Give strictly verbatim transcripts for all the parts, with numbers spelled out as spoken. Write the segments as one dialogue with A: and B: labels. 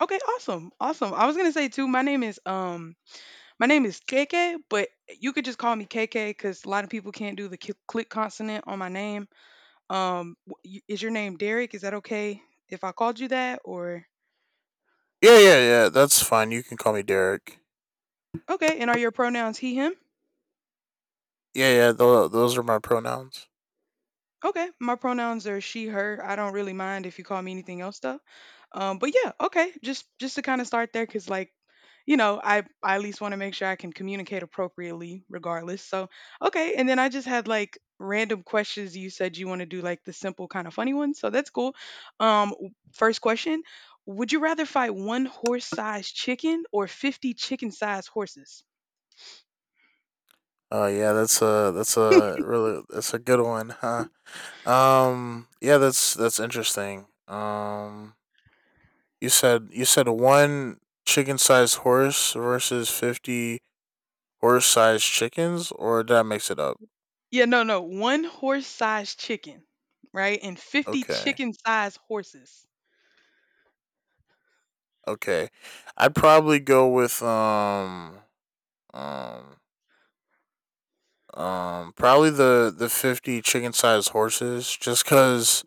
A: Okay, awesome. Awesome. I was gonna say too, my name is um my name is K K, but you could just call me K K, because a lot of people can't do the cl- click consonant on my name. Um w- y- is your name Derek? Is that okay if I called you that, or?
B: Yeah, yeah, yeah. That's fine. You can call me Derek.
A: Okay, and are your pronouns he, him?
B: Yeah, yeah. Those those are my pronouns.
A: Okay, my pronouns are she, her. I don't really mind if you call me anything else though. Um, but yeah, okay, just just to kind of start there, cause like, you know, I I at least want to make sure I can communicate appropriately, regardless. So, okay, and then I just had like random questions. You said you want to do like the simple kind of funny ones, so that's cool. Um, w- first question: would you rather fight one horse-sized chicken or fifty chicken-sized horses?
B: Uh, yeah, that's a that's a really that's a good one, huh? Um, yeah, that's that's interesting. Um, you said you said one chicken sized horse versus fifty horse sized chickens, or did I mix it up?
A: Yeah, no, no, one horse-sized chicken, right, and fifty
B: Okay,
A: chicken-sized horses.
B: okay. I'd probably go with um um um probably the the fifty chicken sized horses, just cause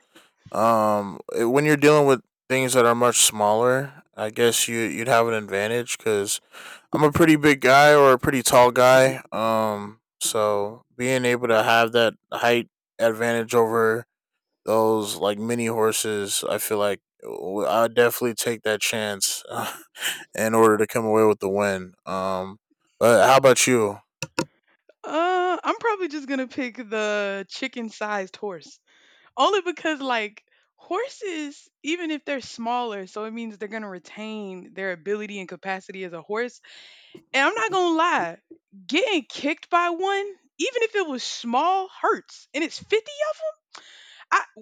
B: Um, it- when you're dealing with things that are much smaller, I guess you you'd have an advantage because I'm a pretty big guy or a pretty tall guy. Um, so being able to have that height advantage over those like mini horses, I feel like w- I'd definitely take that chance in order to come away with the win. Um, but how about you?
A: Uh, I'm probably just gonna pick the chicken-sized horse. Only because like horses, even if they're smaller, so it means they're gonna retain their ability and capacity as a horse. And I'm not gonna lie, getting kicked by one, even if it was small, hurts. And it's fifty of 'em? I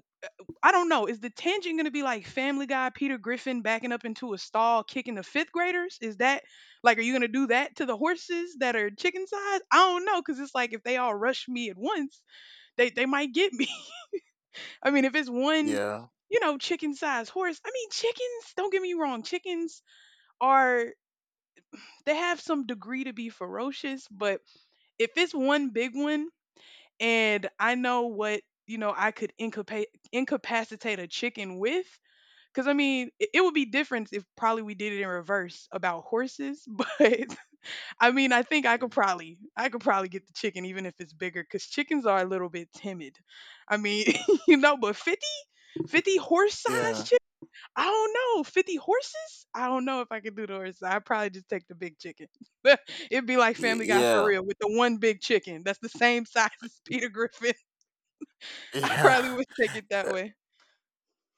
A: I don't know. Is the tangent gonna be like Family Guy, Peter Griffin backing up into a stall, kicking the fifth graders? Is that like, are you gonna do that to the horses that are chicken sized? I don't know, cause it's like if they all rush me at once, they they might get me. I mean, if it's one,
B: Yeah,
A: you know, chicken sized horse. I mean, chickens. Don't get me wrong. Chickens are— they have some degree to be ferocious, but if it's one big one and I know what, you know I could incapac- incapacitate a chicken with. Because I mean, it, it would be different if probably we did it in reverse about horses, but I mean, I think I could probably, I could probably get the chicken even if it's bigger, because chickens are a little bit timid. I mean, you know, but fifty, fifty horse size
B: yeah,
A: chicken? I don't know. fifty horses? I don't know if I could do the horse. I'd probably just take the big chicken. It'd be like
B: y-
A: Family Guy for
B: yeah,
A: real with the one big chicken that's the same size as Peter Griffin. I
B: yeah.
A: probably would take it that way.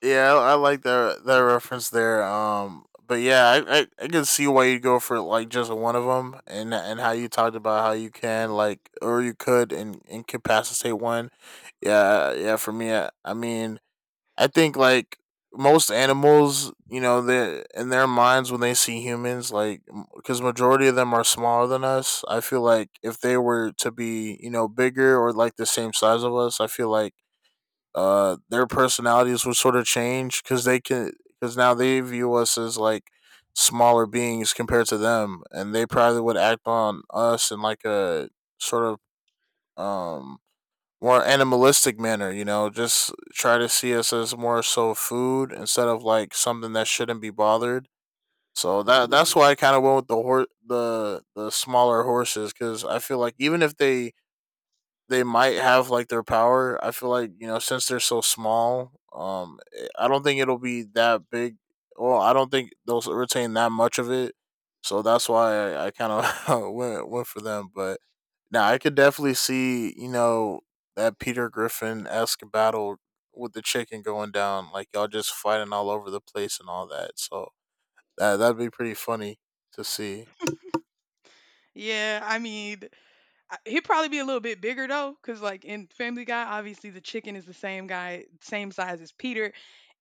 B: Yeah, I I like that that reference there. Um, but yeah, I, I I can see why you go for like just one of them, and and how you talked about how you can like or you could and incapacitate one. Yeah, yeah. For me, I, I mean, I think like most animals, you know, they in their minds when they see humans, like because majority of them are smaller than us. I feel like if they were to be, you know, bigger or like the same size of us, I feel like uh, their personalities would sort of change because they can because now they view us as like smaller beings compared to them, and they probably would act on us in like a sort of um more animalistic manner. You know, just try to see us as more so food instead of like something that shouldn't be bothered. So that that's why I kind of went with the hor- the the smaller horses because I feel like even if they they might have like their power. I feel like you know since they're so small, um, eh, I don't think it'll be that big. Well, I don't think they'll retain that much of it. So that's why I, I kind of went went for them. But now I could definitely see you know that Peter Griffin esque battle with the chicken going down, like y'all just fighting all over the place and all that. So that that'd be pretty funny to see.
A: Yeah, I mean, I- he'd probably be a little bit bigger though, because like in Family Guy, obviously the chicken is the same guy, same size as Peter,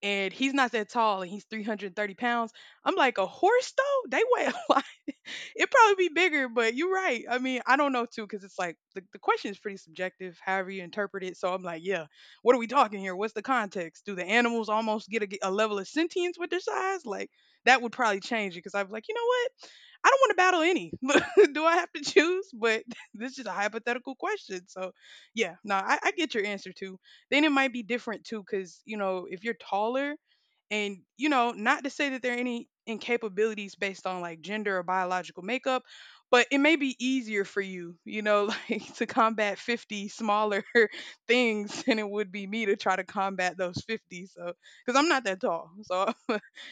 A: and he's not that tall, and he's three hundred thirty pounds. I'm like a horse though; they weigh a lot. It'd probably be bigger, but you're right. I mean, I don't know too, because it's like the, the question is pretty subjective, however you interpret it. So I'm like, yeah, what are we talking here? What's the context? Do the animals almost get a, a level of sentience with their size? Like that would probably change it, because I'm like, you know what? I don't want to battle any. Do I have to choose? But this is just a hypothetical question. So, yeah, no, I, I get your answer too. Then it might be different too, because, you know, if you're taller and, you know, not to say that there are any incapabilities based on like gender or biological makeup, but it may be easier for you, you know, like to combat fifty smaller things than it would be me to try to combat those fifty. So, because I'm not that tall. So,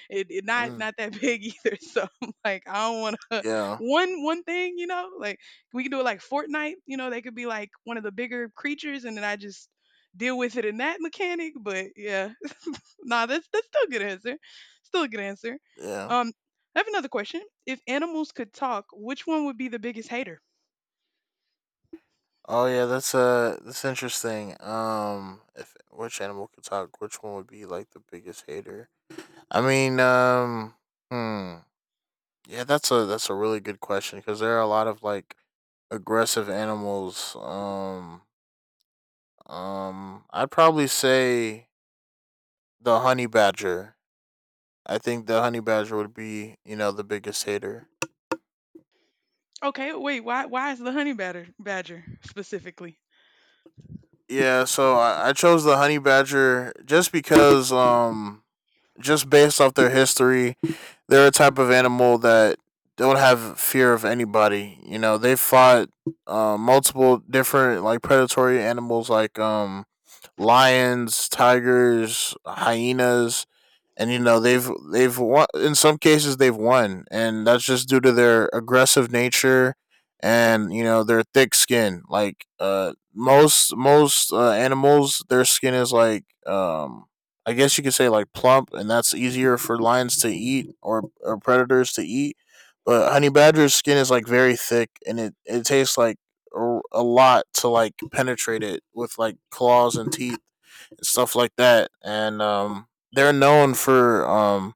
A: it, it not
B: Mm,
A: not that big either. So I'm like, I don't want to
B: yeah,
A: one one thing, you know. Like we can do it like Fortnite, you know. They could be like one of the bigger creatures, and then I just deal with it in that mechanic. But yeah, nah, that's that's still a good answer. Still a good answer.
B: yeah.
A: Um, I have another question. If animals could talk, which one would be the biggest hater?
B: Oh yeah, that's uh that's interesting. Um if which animal could talk, which one would be like the biggest hater? I mean, um hmm. Yeah, that's a that's a really good question because there are a lot of like aggressive animals. Um um I'd probably say the honey badger. I think the honey badger would be, you know, the biggest hater.
A: Okay, wait, why why is the honey badger badger specifically?
B: Yeah, so I, I chose the honey badger just because um just based off their history, they're a type of animal that don't have fear of anybody. You know, they fought uh, multiple different like predatory animals, like um, lions, tigers, hyenas, and you know they've they've won in some cases they've won, and that's just due to their aggressive nature and you know their thick skin. Like uh, most most uh, animals, their skin is like um, I guess you could say like plump, and that's easier for lions to eat or, or predators to eat. But honey badger's skin is like very thick, and it, it tastes like a lot to like penetrate it with like claws and teeth and stuff like that. And um, they're known for um,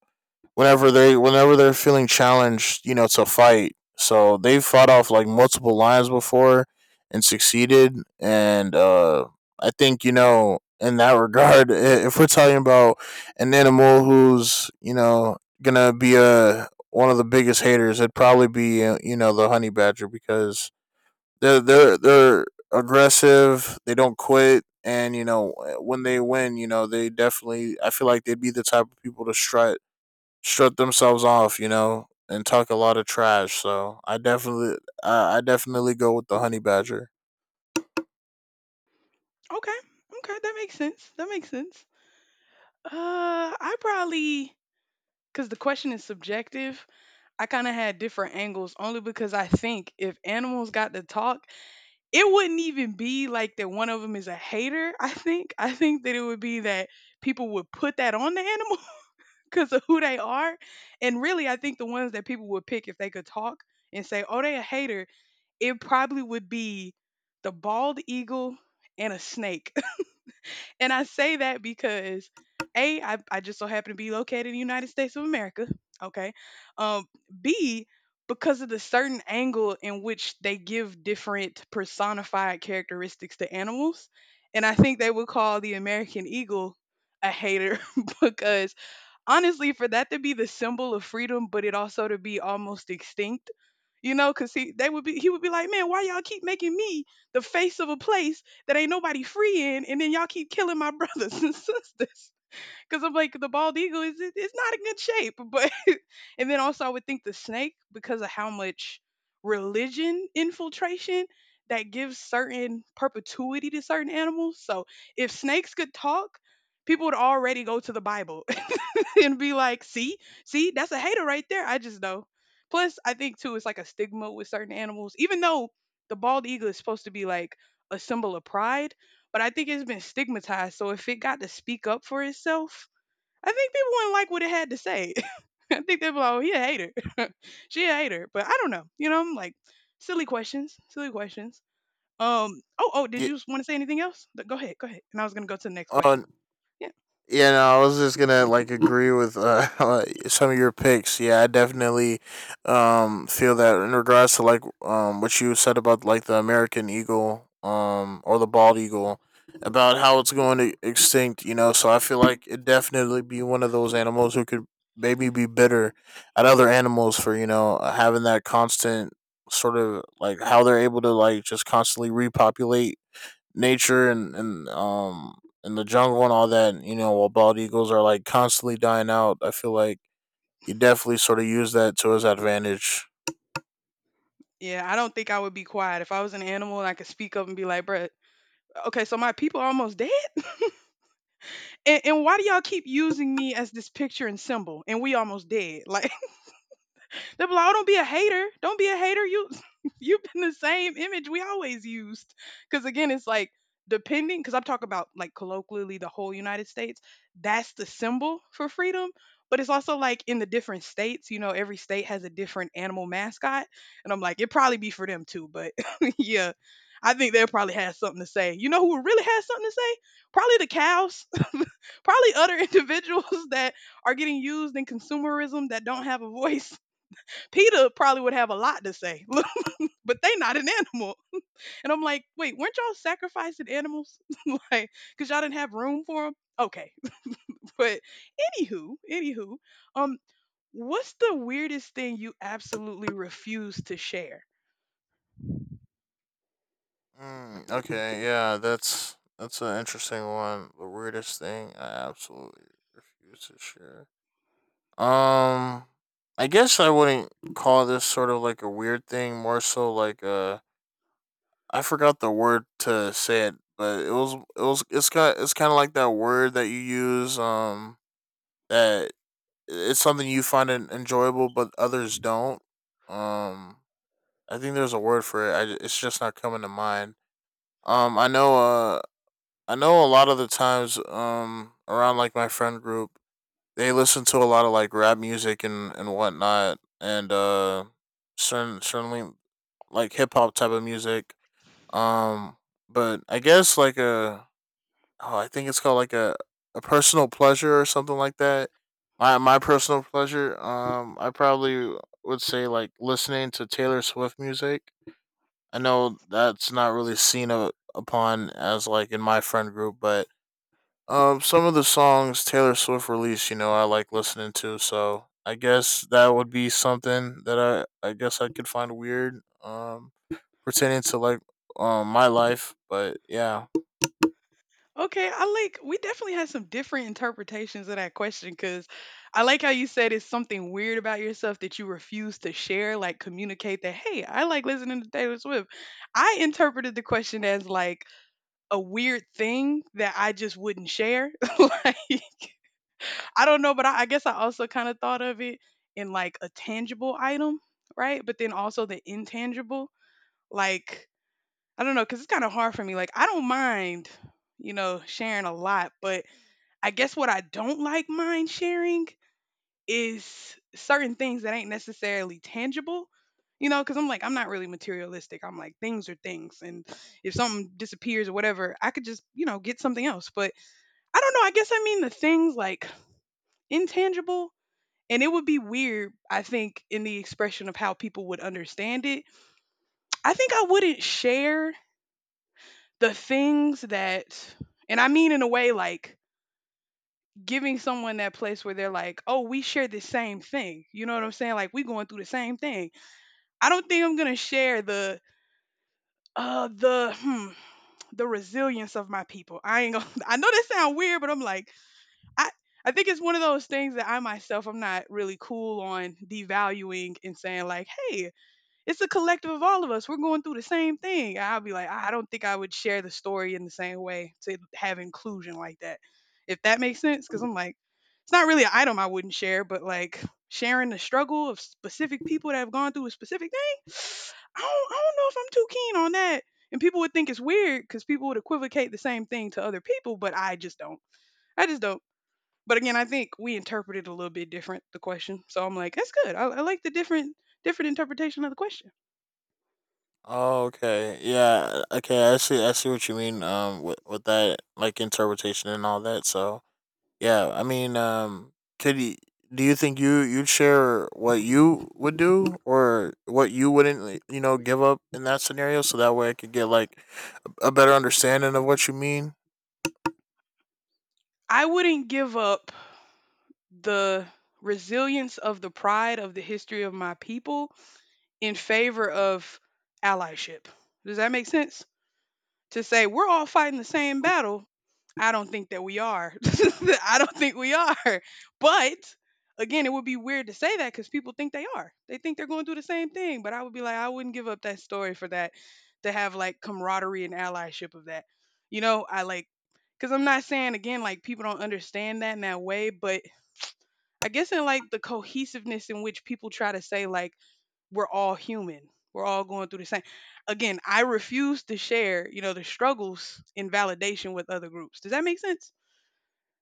B: whenever they whenever they're feeling challenged, you know, to fight. So they've fought off like multiple lions before and succeeded. And uh, I think you know in that regard, if we're talking about an animal who's you know gonna be a one of the biggest haters, it'd probably be uh, you know the honey badger because they're they're they're aggressive. They don't quit, and you know when they win, you know they definitely. I feel like they'd be the type of people to strut strut themselves off, you know, and talk a lot of trash. So I definitely I, I definitely go with the honey badger.
A: Okay, okay, that makes sense. That makes sense. Uh, I probably, because the question is subjective, I kind of had different angles only because I think if animals got to talk, it wouldn't even be like that one of them is a hater. I think. I think that it would be that people would put that on the animal because of who they are. And really, I think the ones that people would pick if they could talk and say, oh, they a hater, it probably would be the bald eagle and a snake, and I say that because A, I, I just so happen to be located in the United States of America. Okay. Um, B, because of the certain angle in which they give different personified characteristics to animals. And I think they would call the American eagle a hater because honestly for that to be the symbol of freedom but it also to be almost extinct, you know because he they would be he would be like, man, why y'all keep making me the face of a place that ain't nobody free in, and then y'all keep killing my brothers and sisters, because I'm like the bald eagle is— it- it's not in good shape, but and then also I would think the snake, because of how much religion infiltration that gives certain perpetuity to certain animals. So if snakes could talk, people would already go to the Bible and be like, see, see, that's a hater right there. I just know. Plus, I think too, it's like a stigma with certain animals, even though the bald eagle is supposed to be like a symbol of pride, but I think it's been stigmatized. So if it got to speak up for itself, I think people wouldn't like what it had to say. I think they'd be like, oh, he a hater. She a hater. But I don't know. You know, I'm like, silly questions, silly questions. Um, oh, oh, did
B: Yeah.
A: you want to say anything else? Th- Go ahead, go ahead. And I was going to go to the next question.
B: Uh,
A: Yeah.
B: Yeah, no, I was just gonna like agree with uh, some of your picks. Yeah, I definitely um feel that in regards to like um what you said about like the American eagle um or the bald eagle about how it's going to extinct. You know, so I feel like it definitely be one of those animals who could maybe be bitter at other animals for you know having that constant sort of like how they're able to like just constantly repopulate nature and and um and the jungle and all that. You know, while bald eagles are like constantly dying out, I feel like he definitely sort of used that to his advantage.
A: Yeah, I don't think I would be quiet if I was an animal and I could speak up and be like, "Bruh, okay, so my people are almost dead, and, and why do y'all keep using me as this picture and symbol? And we almost dead, like." They'll be like, oh, don't be a hater. Don't be a hater. You you've been the same image we always used. Cause again, it's like depending, because I'm talking about like colloquially the whole United States, that's the symbol for freedom. But it's also like in the different states, you know, every state has a different animal mascot. And I'm like, it'd probably be for them too. But yeah, I think they'll probably have something to say. You know who really has something to say? Probably the cows, probably other individuals that are getting used in consumerism that don't have a voice. Peter probably would have a lot to say, but they not an animal. And I'm like, wait, weren't y'all sacrificing animals? Like, cause y'all didn't have room for them? Okay. But anywho, anywho, um, what's the weirdest thing you absolutely refuse to share?
B: Mm, okay, yeah, that's that's an interesting one. The weirdest thing I absolutely refuse to share. Um, I guess I wouldn't call this sort of like a weird thing. More so like uh, I forgot the word to say it, but it was it was it's kind it's kind of like that word that you use um that it's something you find en- enjoyable, but others don't. Um, I think there's a word for it. I ju- it's just not coming to mind. Um, I know. Uh, I know a lot of the times. Um, around like my friend group, they listen to a lot of like rap music and and whatnot, and uh, certain certainly like hip hop type of music. Um, but I guess like a oh, I think it's called like a, a personal pleasure or something like that. My my personal pleasure, um, I probably would say like listening to Taylor Swift music. I know that's not really seen a, upon as like in my friend group, but um, some of the songs Taylor Swift released, you know, I like listening to. So I guess that would be something that I I guess I could find weird, um, pertaining to like um my life. But yeah,
A: Okay, I like we definitely had some different interpretations of that question because I like how you said it's something weird about yourself that you refuse to share, like communicate that, hey, I like listening to Taylor Swift. I interpreted the question as like a weird thing that I just wouldn't share. Like, I don't know, but I, I guess I also kind of thought of it in like a tangible item, right? But then also the intangible. Like, I don't know, because it's kind of hard for me. Like, I don't mind, you know, sharing a lot, but I guess what I don't like mind sharing is certain things that ain't necessarily tangible. You know, because I'm like, I'm not really materialistic. I'm like, things are things. And if something disappears or whatever, I could just, you know, get something else. But I don't know, I guess I mean the things like intangible and it would be weird, I think, in the expression of how people would understand it. I think I wouldn't share the things that and I mean in a way like giving someone that place where they're like, "Oh, we share the same thing." You know what I'm saying? Like we going through the same thing. I don't think I'm going to share the uh the hmm, the resilience of my people. I ain't going to I know that sound weird, but I'm like, I I think it's one of those things that I myself I'm not really cool on devaluing and saying like, "Hey, it's a collective of all of us. We're going through the same thing." And I'll be like, "I don't think I would share the story in the same way to have inclusion like that." If that makes sense, cuz I'm like, it's not really an item I wouldn't share, but like sharing the struggle of specific people that have gone through a specific thing, I don't, I don't know if I'm too keen on that. And people would think it's weird because people would equivocate the same thing to other people, but I just don't. I just don't. But again, I think we interpreted a little bit different the question. So I'm like, that's good. I, I like the different different interpretation of the question.
B: oh, okay. Yeah. Okay. I see. I see what you mean. Um, with with that, like interpretation and all that. So, yeah. I mean, um, could you? Do you think you you'd share what you would do or what you wouldn't, like, you know, give up in that scenario? So that way, I could get like a better understanding of what you mean.
A: I wouldn't give up the resilience of the pride of the history of my people in favor of allyship. Does that make sense? To say we're all fighting the same battle, I don't think that we are. I don't think we are. But again, it would be weird to say that because people think they are. They think they're going to do the same thing. But I would be like, I wouldn't give up that story for that, to have like camaraderie and allyship of that. You know, I like, because I'm not saying again, like people don't understand that in that way. But I guess in like the cohesiveness in which people try to say, like, we're all human. We're all going through the same. Again, I refuse to share, you know, the struggles in validation with other groups. Does that make sense?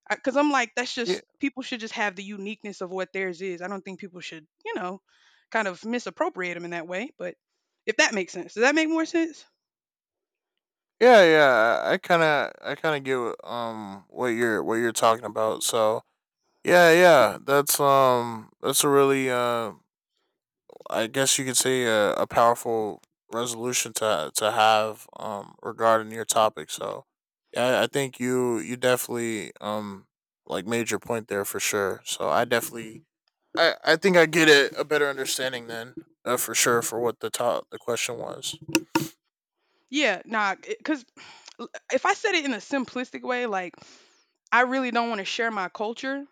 A: Because I'm like, that's
B: Yeah.
A: just, people should just have the uniqueness of what theirs is. I don't think people should, you know, kind of misappropriate them in that way. But if that makes sense, does that make more sense?
B: Yeah. Yeah. I kind of. I kind of get what, um what you're what you're talking about. So. Yeah, yeah, that's um, that's a really uh I guess you could say a, a powerful resolution to to have um regarding your topic. So yeah, I think you you definitely um like made your point there for sure. So I definitely I, I think I get a, a better understanding then uh, for sure for what the top the question was.
A: Yeah, nah, because if I said it in a simplistic way, like I really don't want to share my culture,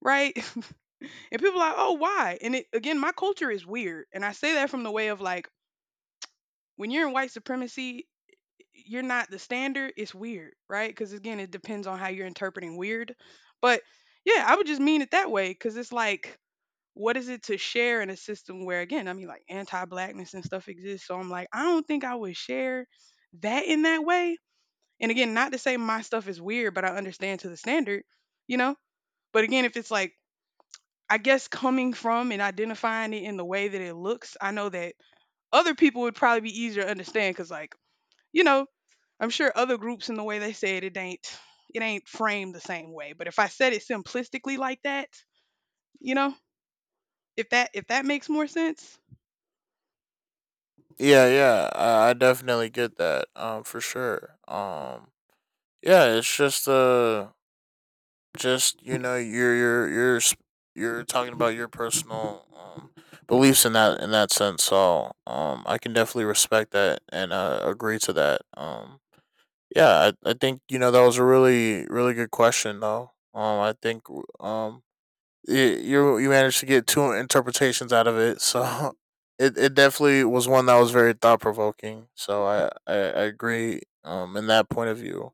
A: right? and people are like, oh, why? And it, again, my culture is weird, and I say that from the way of like when you're in white supremacy, you're not the standard. It's weird, right? Because again, it depends on how you're interpreting weird. But yeah, I would just mean it that way because it's like, what is it to share in a system where, again, I mean, like anti blackness and stuff exists. So I'm like, I don't think I would share that in that way. And again, not to say my stuff is weird, but I understand to the standard, you know? But again, if it's like, I guess coming from and identifying it in the way that it looks, I know that other people would probably be easier to understand because, like, you know, I'm sure other groups in the way they say it, it ain't it ain't framed the same way. But if I said it simplistically like that, you know, if that if that makes more sense?
B: Yeah, yeah, I, I definitely get that um for sure. Um yeah, it's just uh just you know you're you're you're you're talking about your personal um, beliefs in that in that sense so um I can definitely respect that and uh, agree to that um yeah I, I think you know that was a really really good question though um I think um y you you managed to get two interpretations out of it so it, it definitely was one that was very thought-provoking so I, I I agree um in that point of view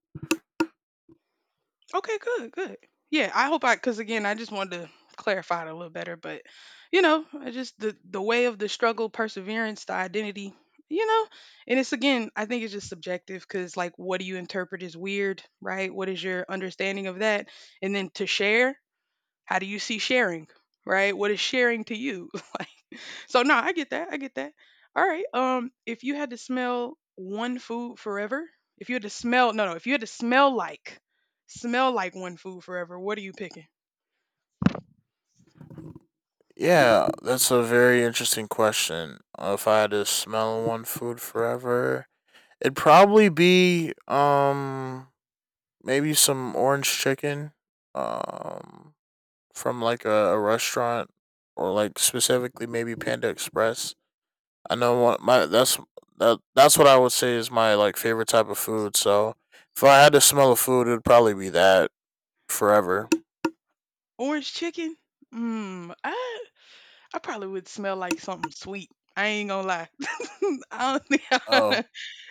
A: Okay, good, good. Yeah, I hope, I, because again, I just wanted to clarify it a little better. But you know, I just, the the way of the struggle, perseverance, the identity, you know, and it's, again, I think it's just subjective because like, what do you interpret as weird, right? What is your understanding of that? And then to share. How do you see sharing? Right? What is sharing to you? Like, so no, I get that. I get that. All right. Um, if you had to smell one food forever, if you had to smell, no no, if you had to smell like smell like one food forever, what are you picking?
B: yeah, that's a very interesting question. Uh, If I had to smell one food forever, it'd probably be um maybe some orange chicken um from like a, a restaurant or like specifically maybe Panda Express. I know what my that's that that's what I would say is my like favorite type of food. So if I had to smell a food, it'd probably be that forever.
A: Orange chicken? Mmm. I I probably would smell like something sweet. I ain't gonna lie. I don't think I, I
B: Oh,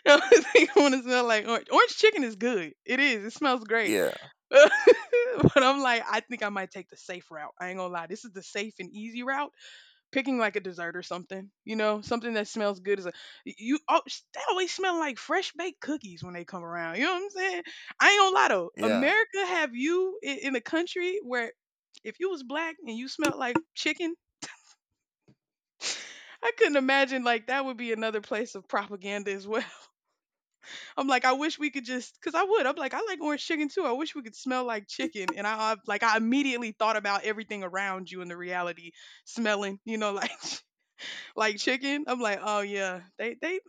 A: don't think I want to smell like orange. Orange chicken is good. It is. It smells great.
B: yeah,
A: But I'm like, I think I might take the safe route. I ain't gonna lie. This is the safe and easy route. Picking like a dessert or something, you know, something that smells good is a you. Oh, they always smell like fresh baked cookies when they come around. You know what I'm saying? I ain't gonna lie though.
B: yeah.
A: America have you in, in a country where if you was black and you smelled like chicken, I couldn't imagine like that would be another place of propaganda as well. I'm like, I wish we could just, cause I would. I'm like, I like orange chicken too. I wish we could smell like chicken. And I I- like, I immediately thought about everything around you in the reality smelling, you know, like like chicken. I'm like, oh yeah, they they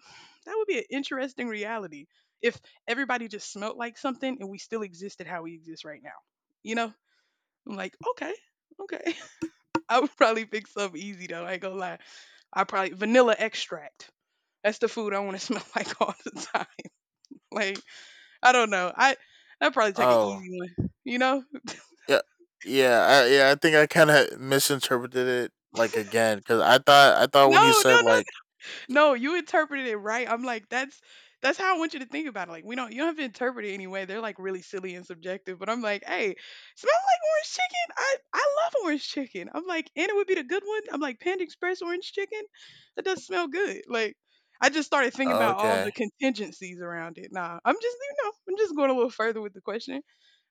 A: that would be an interesting reality if everybody just smelled like something and we still existed how we exist right now. You know, I'm like, okay, okay. I would probably pick something easy though. I ain't gonna lie. I probably vanilla extract. That's the food I want to smell like all the time. Like, I don't know. I I'd probably take an
B: Oh,
A: easy one, you know? No,
B: yeah, yeah. I, yeah, I think I kind of misinterpreted it like again because I thought I thought when you
A: no, no,
B: said
A: no,
B: like
A: no, you interpreted it right. I'm like, that's that's how I want you to think about it. Like, we don't, you don't have to interpret it anyway. They're like really silly and subjective. But I'm like, hey, smell like orange chicken. I I love orange chicken. I'm like, and it would be the good one. I'm like, Panda Express orange chicken. That does smell good. Like, I just started thinking
B: oh,
A: about all the
B: okay,
A: contingencies around it. Nah, I'm just, you know, I'm just going a little further with the question.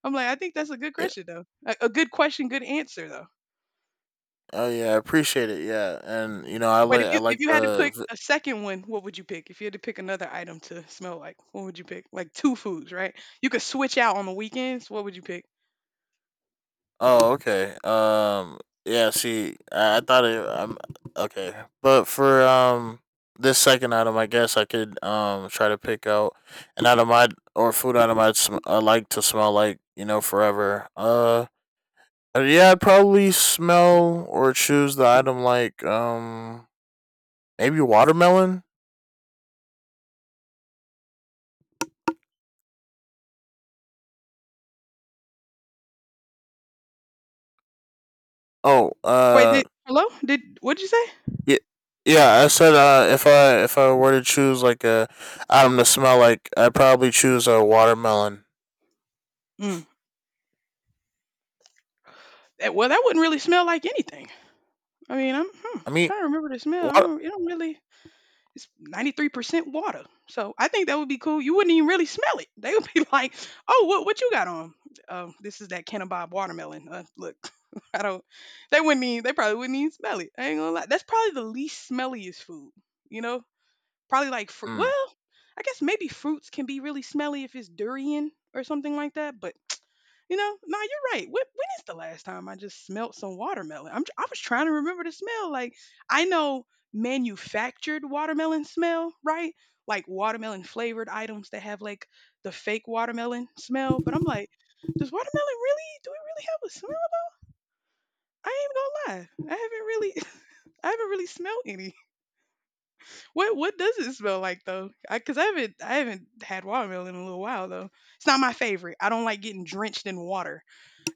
A: I'm like, I think that's a good
B: yeah,
A: question though. A, a good question, good answer though.
B: oh yeah, I appreciate it, yeah, and you know I
A: Wait,
B: like
A: if
B: I
A: you if
B: like
A: you had to
B: the
A: pick
B: v-
A: a second one, what would you pick? If you had to pick another item to smell like, what would you pick? Like two foods, right? You could switch out on the weekends. What would you pick?
B: oh okay, um, yeah. See, I, I thought it. I'm okay, but for um this second item, I guess I could um try to pick out an item I would or food item I'd sm- I like to smell like you know forever. Uh. Uh, yeah, I'd probably smell or choose the item like um maybe watermelon. Oh,
A: Wait,
B: uh,
A: did hello? Did what did you say?
B: yeah, yeah. I said uh, if I if I were to choose like a item to smell like, I'd probably choose a watermelon.
A: Mm. That, well, that wouldn't really smell like anything. I mean, I'm hmm,
B: I mean,
A: trying to remember the smell. I
B: what?
A: don't, it don't really. It's ninety-three percent water. So I think that would be cool. You wouldn't even really smell it. They would be like, "Oh, what what you got on?" Oh, this is that Ken and Bob watermelon. Uh, look, I don't. They wouldn't even. They probably wouldn't even smell it. I ain't gonna lie. That's probably the least smelliest food. You know, probably like fruit.
B: Mm,
A: Well, I guess maybe fruits can be really smelly if it's durian or something like that. But you know, nah, you're right. When, when is the last time I just smelled some watermelon? I'm, tr- I was trying to remember the smell. Like, I know manufactured watermelon smell, right? Like watermelon flavored items that have like the fake watermelon smell. But I'm like, does watermelon really, do it really have a smell? I ain't gonna lie. I haven't really, I haven't really smelled any. What, what does it smell like though? I, Cause I haven't, I haven't had watermelon in a little while though. It's not my favorite. I don't like getting drenched in water.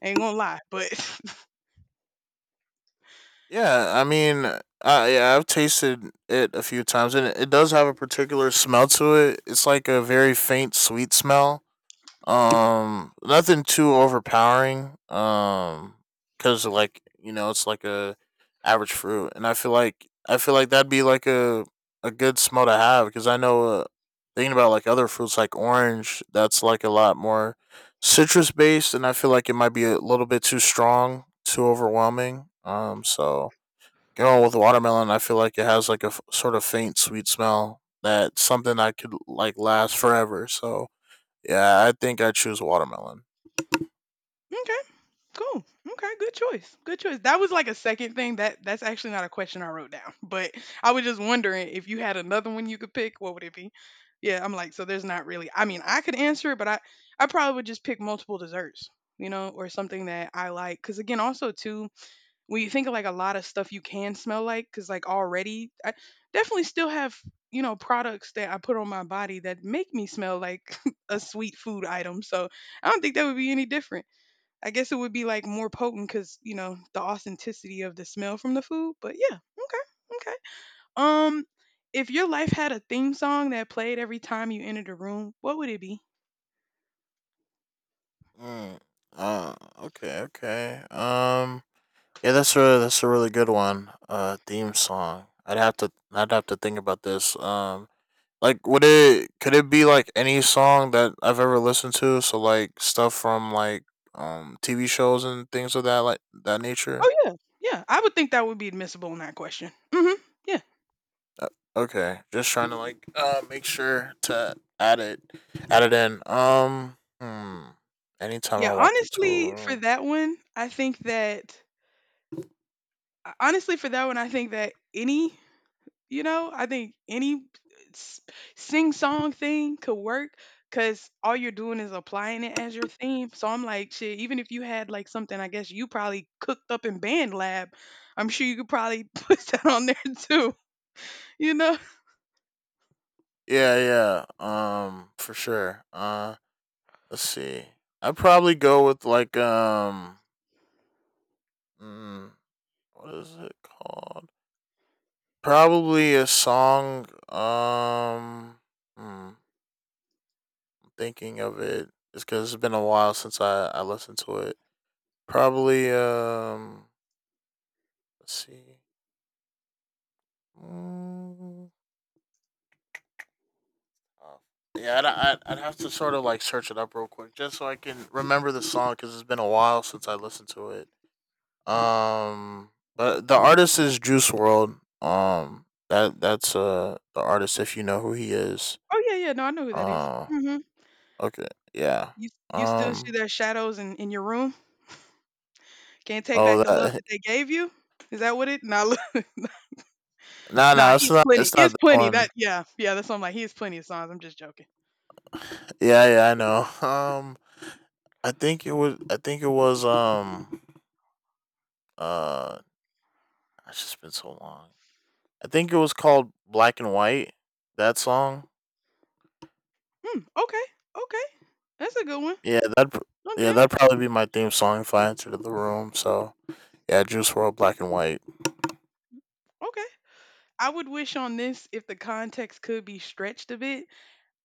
A: I ain't gonna lie, but
B: yeah, I mean, I yeah, I've tasted it a few times, and it, it does have a particular smell to it. It's like a very faint sweet smell. Um, nothing too overpowering. Um, because like you know, it's like a average fruit, and I feel like I feel like that'd be like a a good smell to have because I know uh, thinking about like other fruits like orange, that's like a lot more citrus based, and I feel like it might be a little bit too strong, too overwhelming. Um, so going with watermelon, I feel like it has like a f- sort of faint sweet smell that something I could like last forever. So yeah, I think I choose watermelon.
A: okay. Cool. Okay. Good choice. Good choice. That was like a second thing. That that's actually not a question I wrote down, but I was just wondering if you had another one you could pick, what would it be? Yeah, I'm like, so there's not really. I mean, I could answer it, but I I probably would just pick multiple desserts, you know, or something that I like. Because again, also too, when you think of like a lot of stuff you can smell like, because like already, I definitely still have, you know, products that I put on my body that make me smell like a sweet food item. So I don't think that would be any different. I guess it would be like more potent because you know the authenticity of the smell from the food. But yeah, okay, okay. Um, if your life had a theme song that played every time you entered a room, what would it be?
B: Mm. Uh, okay, okay. Um, yeah, that's a that's a really good one. Uh, theme song. I'd have to I'd have to think about this. Um, like, would it could it be like any song that I've ever listened to? So like stuff from like um T V shows and things of that like that nature.
A: Oh yeah, yeah. I would think that would be admissible in that question. hmm Yeah,
B: Uh, okay, just trying to like uh make sure to add it add it in. Um, hmm. Anytime
A: yeah.
B: I walked into a
A: Honestly, for
B: room.
A: that one, I think that uh, honestly for that one, I think that any, you know, I think any sing song thing could work because all you're doing is applying it as your theme. So I'm like, shit, even if you had like something, I guess you probably cooked up in band lab, I'm sure you could probably put that on there too, you know?
B: Yeah, yeah. Um, for sure. Uh, let's see. I'd probably go with like um, mm, what is it called? Probably a song. Um, hmm, thinking of it, just because it's been a while since I I listened to it. Probably um, let's see. Mm, uh, yeah, I'd, I'd I'd have to sort of like search it up real quick just so I can remember the song because it's been a while since I listened to it. Um, but the artist is Juice World. Um, that that's uh the artist if you know who he is.
A: Oh, yeah, yeah, no, I know who that is.
B: Uh,
A: Mm-hmm.
B: okay, yeah.
A: You, you still see
B: Um,
A: their shadows in, in your room? Can't take back
B: oh
A: the love
B: that
A: that they gave you? Is that what it? Nah, look,
B: no
A: nah,
B: no it's
A: he's
B: not
A: plenty.
B: it's not
A: He's
B: that
A: plenty. That,
B: one.
A: yeah, yeah, that's what I'm like. He has plenty of songs. I'm just joking.
B: Yeah yeah I know. Um, I think it was I think it was um uh it's just been so long. I think it was called Black and White. That song.
A: Hmm, okay, okay. That's a good one.
B: Yeah that pr- yeah
A: Okay,
B: that'd probably be my theme song if I entered the room. So yeah, Juice World Black and White.
A: okay. I would wish on this if the context could be stretched a bit.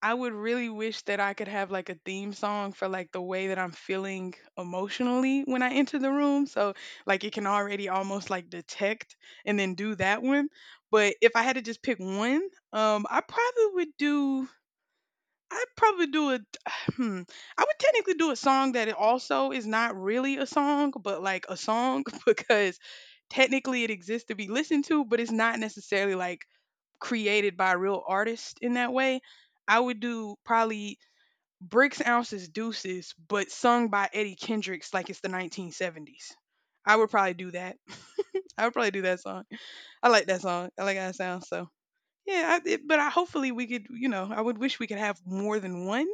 A: I would really wish that I could have like a theme song for like the way that I'm feeling emotionally when I enter the room. So like it can already almost like detect and then do that one. But if I had to just pick one, um I probably would do I'd probably do a, Hmm, I would technically do a song that it also is not really a song, but like a song because technically it exists to be listened to, but it's not necessarily like created by a real artist in that way. I would do probably Bricks, Ounces, Deuces, but sung by Eddie Kendricks like it's the nineteen seventies. I would probably do that. I would probably do that song. I like that song. I like how it sounds. So. Yeah, I, it, but I hopefully we could, you know, I would wish we could have more than one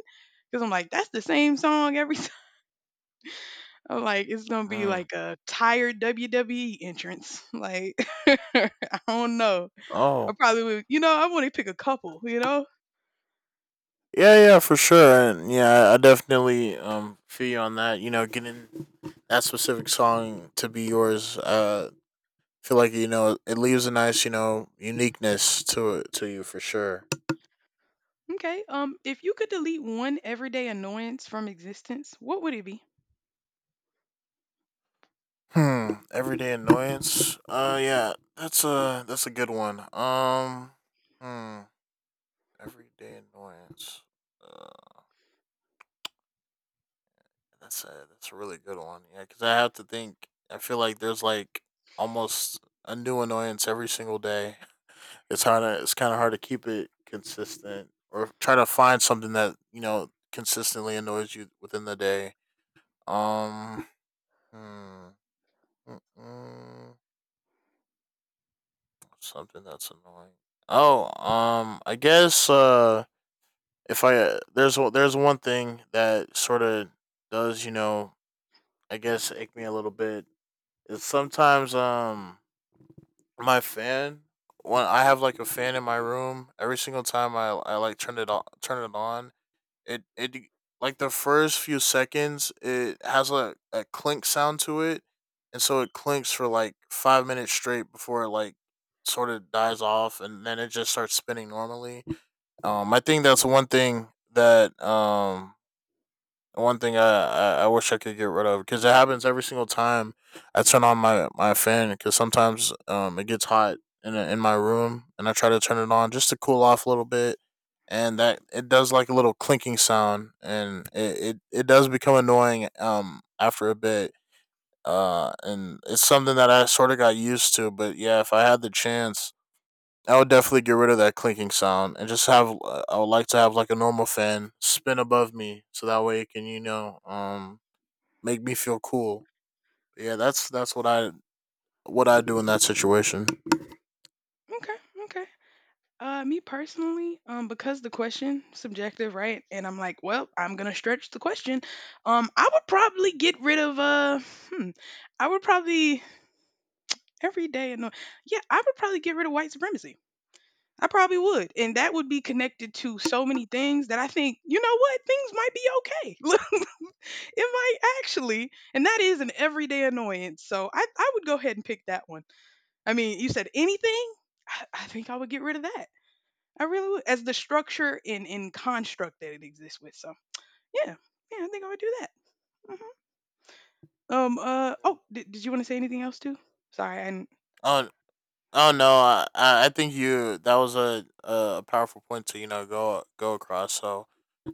A: because I'm like, that's the same song every time. I'm like, it's gonna be
B: Mm.
A: like a tired W W E entrance. Like, I don't know. I
B: Oh,
A: probably would, you know, I want to pick a couple, you know.
B: yeah, yeah, for sure, and yeah, I definitely um feel you on that. You know, getting that specific song to be yours, uh, feel like you know it leaves a nice, you know, uniqueness to it to you for sure.
A: Okay. Um, if you could delete one everyday annoyance from existence, what would it be?
B: Hmm, everyday annoyance. Uh, yeah, that's a that's a good one. Um, hmm, everyday annoyance. Uh, that's a that's a really good one. Yeah, because I have to think. I feel like there's like almost a new annoyance every single day. It's hard. To, it's kind of hard to keep it consistent or try to find something that you know consistently annoys you within the day. Um, hmm, mm, mm, something that's annoying. Oh, um, I guess uh, if I uh, there's o- there's one thing that sort of does you know I guess ache me a little bit. Is sometimes um my fan when I have like a fan in my room every single time I I like turn it on turn it on. It it like the first few seconds, it has a, a clink sound to it, and so it clinks for like five minutes straight before it like sort of dies off, and then it just starts spinning normally. Um, I think that's one thing that um one thing I, I I wish I could get rid of because it happens every single time I turn on my my fan because sometimes um it gets hot in a, in my room and I try to turn it on just to cool off a little bit, and that it does like a little clinking sound and it it, it does become annoying um after a bit, uh and it's something that I sort of got used to, but yeah, if I had the chance I would definitely get rid of that clinking sound and just have. Uh, I would like to have like a normal fan spin above me, so that way it can you know um make me feel cool. Yeah, that's that's what I what I do in that situation.
A: Okay. Okay. Uh, me personally, um, because the question subjective, right? And I'm like, well, I'm gonna stretch the question. Um, I would probably get rid of uh, hmm, I would probably every day. No, yeah, I would probably get rid of white supremacy. I probably would, and that would be connected to so many things that I think, you know what, things might be okay. Look, it might actually, and that is an everyday annoyance. So I, I would go ahead and pick that one. I mean, you said anything. I, I think I would get rid of that. I really would, as the structure and, and construct that it exists with. So yeah, yeah, I think I would do that. Hmm. Um. Uh. Oh, did, did you want to say anything else too? Sorry, I
B: Oh oh no, I I I think you that was a a powerful point to you know go go across. So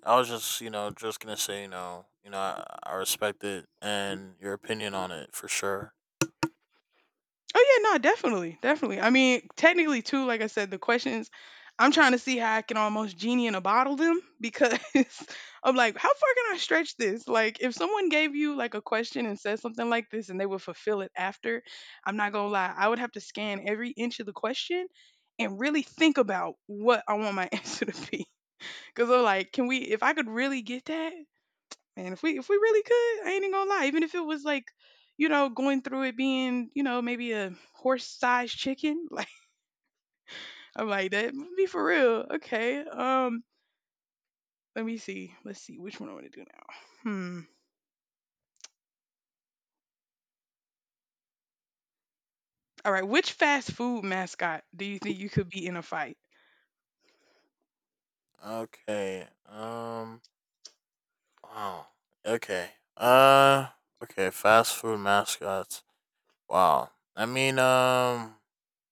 B: I was just you know just gonna say you know you know I, I respect it and your opinion on it for sure.
A: Oh yeah, no, definitely, definitely. I mean, technically too, like I said, the questions I'm trying to see how I can almost genie in a bottle them because I'm like, how far can I stretch this? Like, if someone gave you like a question and said something like this, and they would fulfill it after, I'm not gonna lie, I would have to scan every inch of the question and really think about what I want my answer to be. Because I'm like, can we? If I could really get that, man, if we if we really could, I ain't even gonna lie. Even if it was like, you know, going through it being, you know, maybe a horse-sized chicken, like I'm like that would be for real. Okay. Um, let me see. Let's see which one I want to do now. Hmm. All right. Which fast food mascot do you think you could be in a fight?
B: Okay, um. Wow. Okay. Uh. Okay. Fast food mascots. Wow. I mean. Um.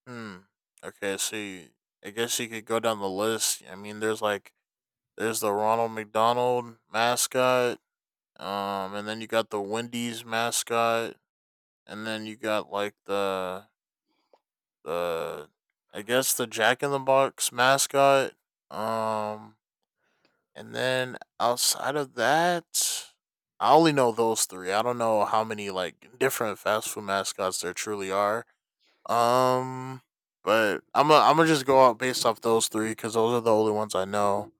B: Hmm. Okay. So you, I guess you could go down the list. I mean, there's like there's the Ronald McDonald mascot. Um. And then you got the Wendy's mascot. And then you got like the the I guess the Jack in the Box mascot. Um. And then outside of that, I only know those three. I don't know how many like different fast food mascots there truly are. Um, but I'm i I'm gonna just go out based off those three because those are the only ones I know.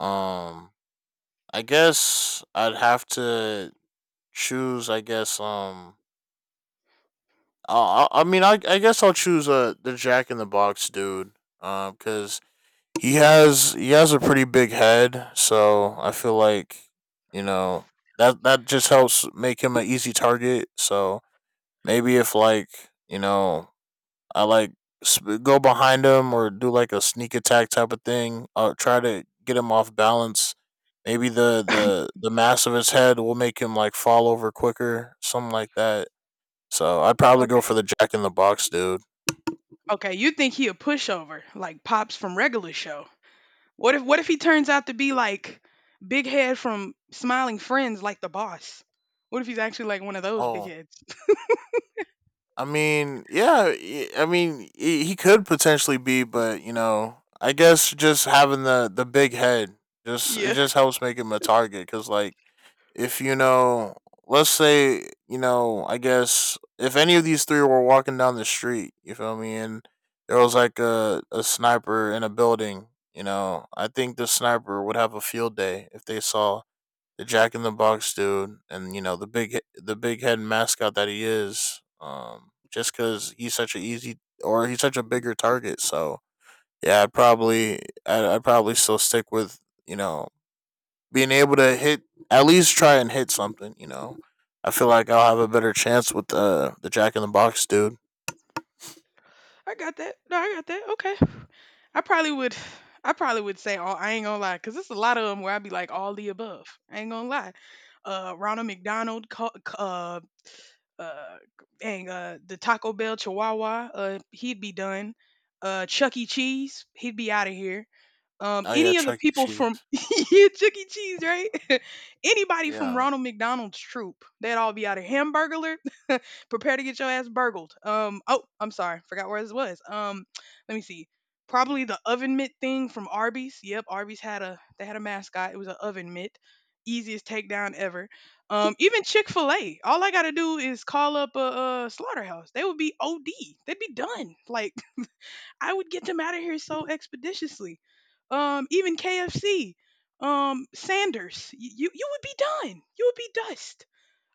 B: Um, I guess I'd have to choose. I guess um, I I I mean I I guess I'll choose uh the Jack in the Box dude. Um, because he has he has a pretty big head, so I feel like you know that that just helps make him an easy target. So maybe if like you know I like sp- go behind him or do like a sneak attack type of thing, or try to get him off balance. Maybe the the the mass of his head will make him like fall over quicker, something like that. So I'd probably go for
A: Okay.
B: the Jack in the Box, dude.
A: Okay. You think he a pushover like Pops from Regular Show? What if What if he turns out to be like Big Head from Smiling Friends, like the boss? What if he's actually like one of those big
B: Oh,
A: heads?
B: I mean, yeah, y- I mean, he he could potentially be, but you know, I guess just having the the big head just it
A: Yeah.
B: just helps make him a target cuz like if you know, let's say, you know, I guess if any of these three were walking down the street, you feel me, and there was like a a sniper in a building, you know, I think the sniper would have a field day if they saw the Jack in the Box dude, and you know the big the big head mascot that he is. Um, just because he's such an easy, or he's such a bigger target, so yeah, I'd probably I'd, I'd probably still stick with you know being able to hit, at least try and hit something. You know, I feel like I'll have a better chance with the the Jack in the Box dude.
A: I got that. No, I got that. Okay. I probably would. I probably would say all. I ain't gonna lie, cause it's a lot of them where I'd be like all the above. I ain't gonna lie. Uh, Ronald McDonald. co- c- Uh, uh, dang. Uh, the Taco Bell Chihuahua. Uh, he'd be done. Uh, Chuck E. Cheese. He'd be out of here. Um,
B: Oh yeah,
A: any of the
B: Chuck E.
A: people from
B: Cheese.
A: yeah, Chuck E. Cheese, right? Anybody from
B: Yeah,
A: Ronald McDonald's troop, they'd all be out of. Hamburger prepare to get your ass burgled. Um, oh, I'm sorry, forgot where this was. Um, let me see. Probably the oven mitt thing from Arby's. Yep, Arby's had a they had a mascot. It was an oven mitt. Easiest takedown ever. Um, even Chick Fil A. All I gotta do is call up a, a slaughterhouse. They would be O D. They'd be done. Like I would get them out of here so expeditiously. Um, even K F C. Um, Sanders. You you, you would be done. You would be dust.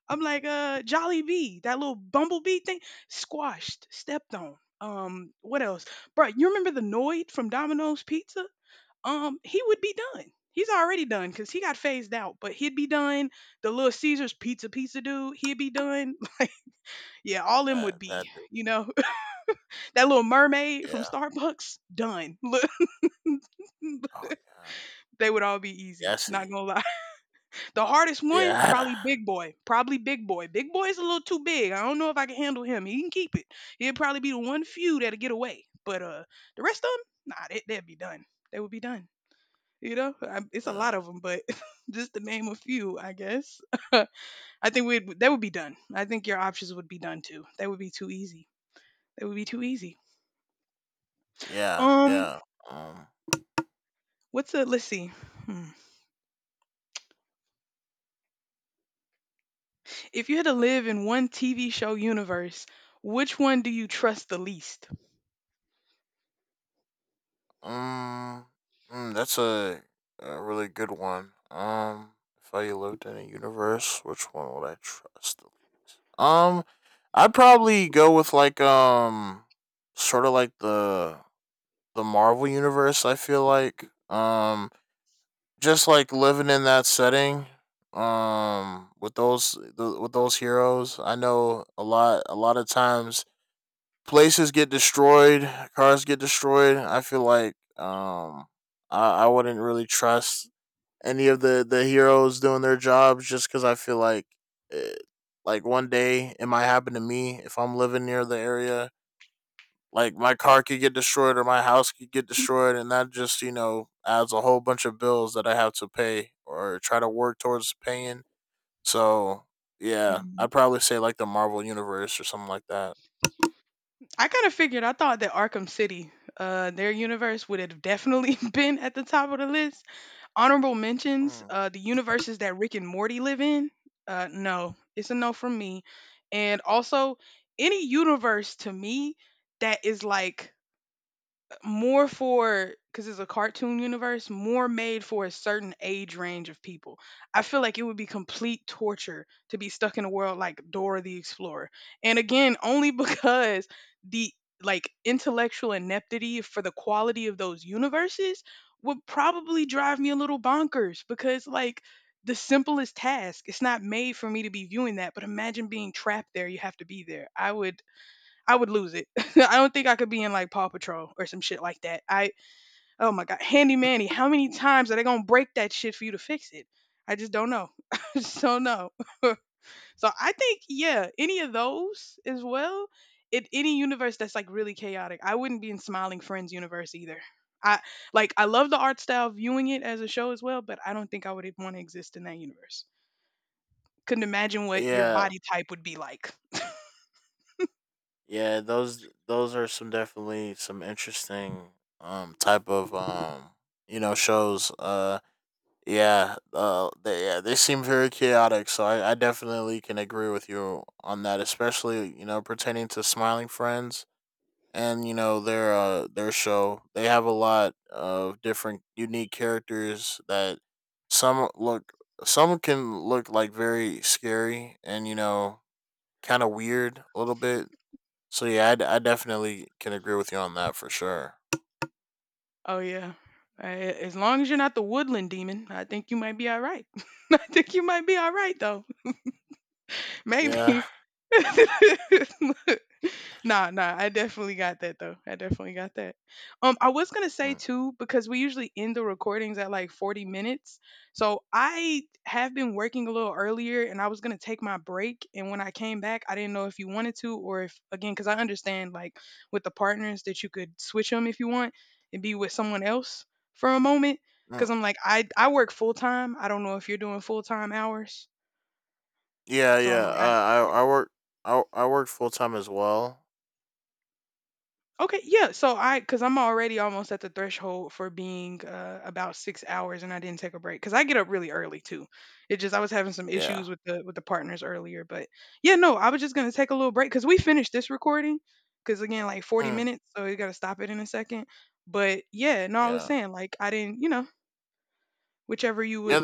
A: I'm like, uh, Jolly Bee, that little bumblebee thing, squashed, stepped on. Um, what else, bro? You remember the Noid from Domino's Pizza? Um, he would be done. He's already done because he got phased out, but he'd be done. The little Caesar's pizza pizza dude, he'd be done. Like, yeah, all them would
B: that
A: be,
B: that dude.
A: you know, that little mermaid from
B: Yeah.
A: Starbucks, done. Look,
B: Oh yeah.
A: they would all be
B: Yeah,
A: easy.
B: I see.
A: Not gonna lie. The hardest one,
B: Yeah.
A: probably Big Boy. Probably Big Boy. Big Boy's a little too big. I don't know if I can handle him. He can keep it. He'll probably be the one few that'll get away. But uh, the rest of them, nah, they, they'd be done. They would be done. You know, I, it's a lot
B: Yeah.
A: of them, but just to name a few, I guess. I think we'd they would be done. I think your options would be done too. They would be too easy. They would be too easy.
B: Yeah.
A: Um,
B: Yeah. Um.
A: what's a let's see. Hmm. If you had to live in one T V show universe, which one do you trust the least?
B: Um, mm, that's a, a really good one. Um, if I lived in a universe, which one would I trust? Um, I'd probably go with like um, sort of like the the Marvel universe. I feel like um, just like living in that setting. Um, with those the, with those heroes, I know a lot a lot of times places get destroyed, cars get destroyed. I feel like um, I, I wouldn't really trust any of the, the heroes doing their jobs just because I feel like it, like one day it might happen to me if I'm living near the area. Like my car could get destroyed or my house could get destroyed, and that just you know adds a whole bunch of bills that I have to pay or try to work towards paying. So yeah,
A: Mhm.
B: I'd probably say like the Marvel universe or something like that.
A: I kind of figured. I thought that Arkham City, uh, their universe would have definitely been at the top of the list. Honorable mentions,
B: Mm.
A: uh, the universes that Rick and Morty live in. Uh, no, it's a no from me. And also, any universe to me that is like more for because it's a cartoon universe, more made for a certain age range of people. I feel like it would be complete torture to be stuck in a world like Dora the Explorer. And again, only because the like intellectual ineptity for the quality of those universes would probably drive me a little bonkers because like the simplest task it's not made for me to be viewing that but imagine being trapped there you have to be there I would I would lose it. I don't think I could be in like Paw Patrol or some shit like that. I oh my god, Handy Manny, how many times are they gonna break that shit for you to fix it? I just don't know. I just don't know. So I think yeah, any of those as well. It any universe that's like really chaotic. I wouldn't be in Smiling Friends universe either. I like I love the art style viewing it as a show as well, but I don't think I would want to exist in that universe. Couldn't imagine what your
B: Yeah,
A: body type would be like.
B: yeah, those those are some definitely some interesting um type of um you know shows. Uh yeah, uh they, yeah, they seem very chaotic, so I, I definitely can agree with you on that, especially, you know, pertaining to Smiling Friends and you know their uh their show. They have a lot of different unique characters that some look some can look like very scary and you know kind of weird a little bit, so yeah, I, d- I definitely can agree with you on that for sure.
A: Oh yeah. I- as long as you're not the woodland demon, I think you might be all right. I think you might be all right though.
B: Yeah,
A: Maybe. Nah, nah, I definitely got that though. I definitely got that. Um, I was gonna say
B: mm,
A: too, because we usually end the recordings at like forty minutes. So I have been working a little earlier and I was gonna take my break. And when I came back, I didn't know if you wanted to or if, again, because I understand like with the partners that you could switch them if you want and be with someone else for a moment. Cause
B: mm,
A: I'm like, I, I work full time. I don't know if you're doing full time hours.
B: yeah,
A: So I'm
B: yeah.
A: like, I,
B: Uh,
A: yeah.
B: I I work I I work full time as well.
A: Okay, yeah. So I, because I'm already almost at the threshold for being uh, about six hours, and I didn't take a break because I get up really early too. It just I was having some
B: Yeah,
A: issues with the with the partners earlier, but yeah, no, I was just gonna take a little break because we finished this recording because again, like forty
B: mm,
A: minutes, so you gotta stop it in a second. But yeah, no, I was
B: yeah,
A: saying like I didn't, you know, whichever you
B: yeah.
A: would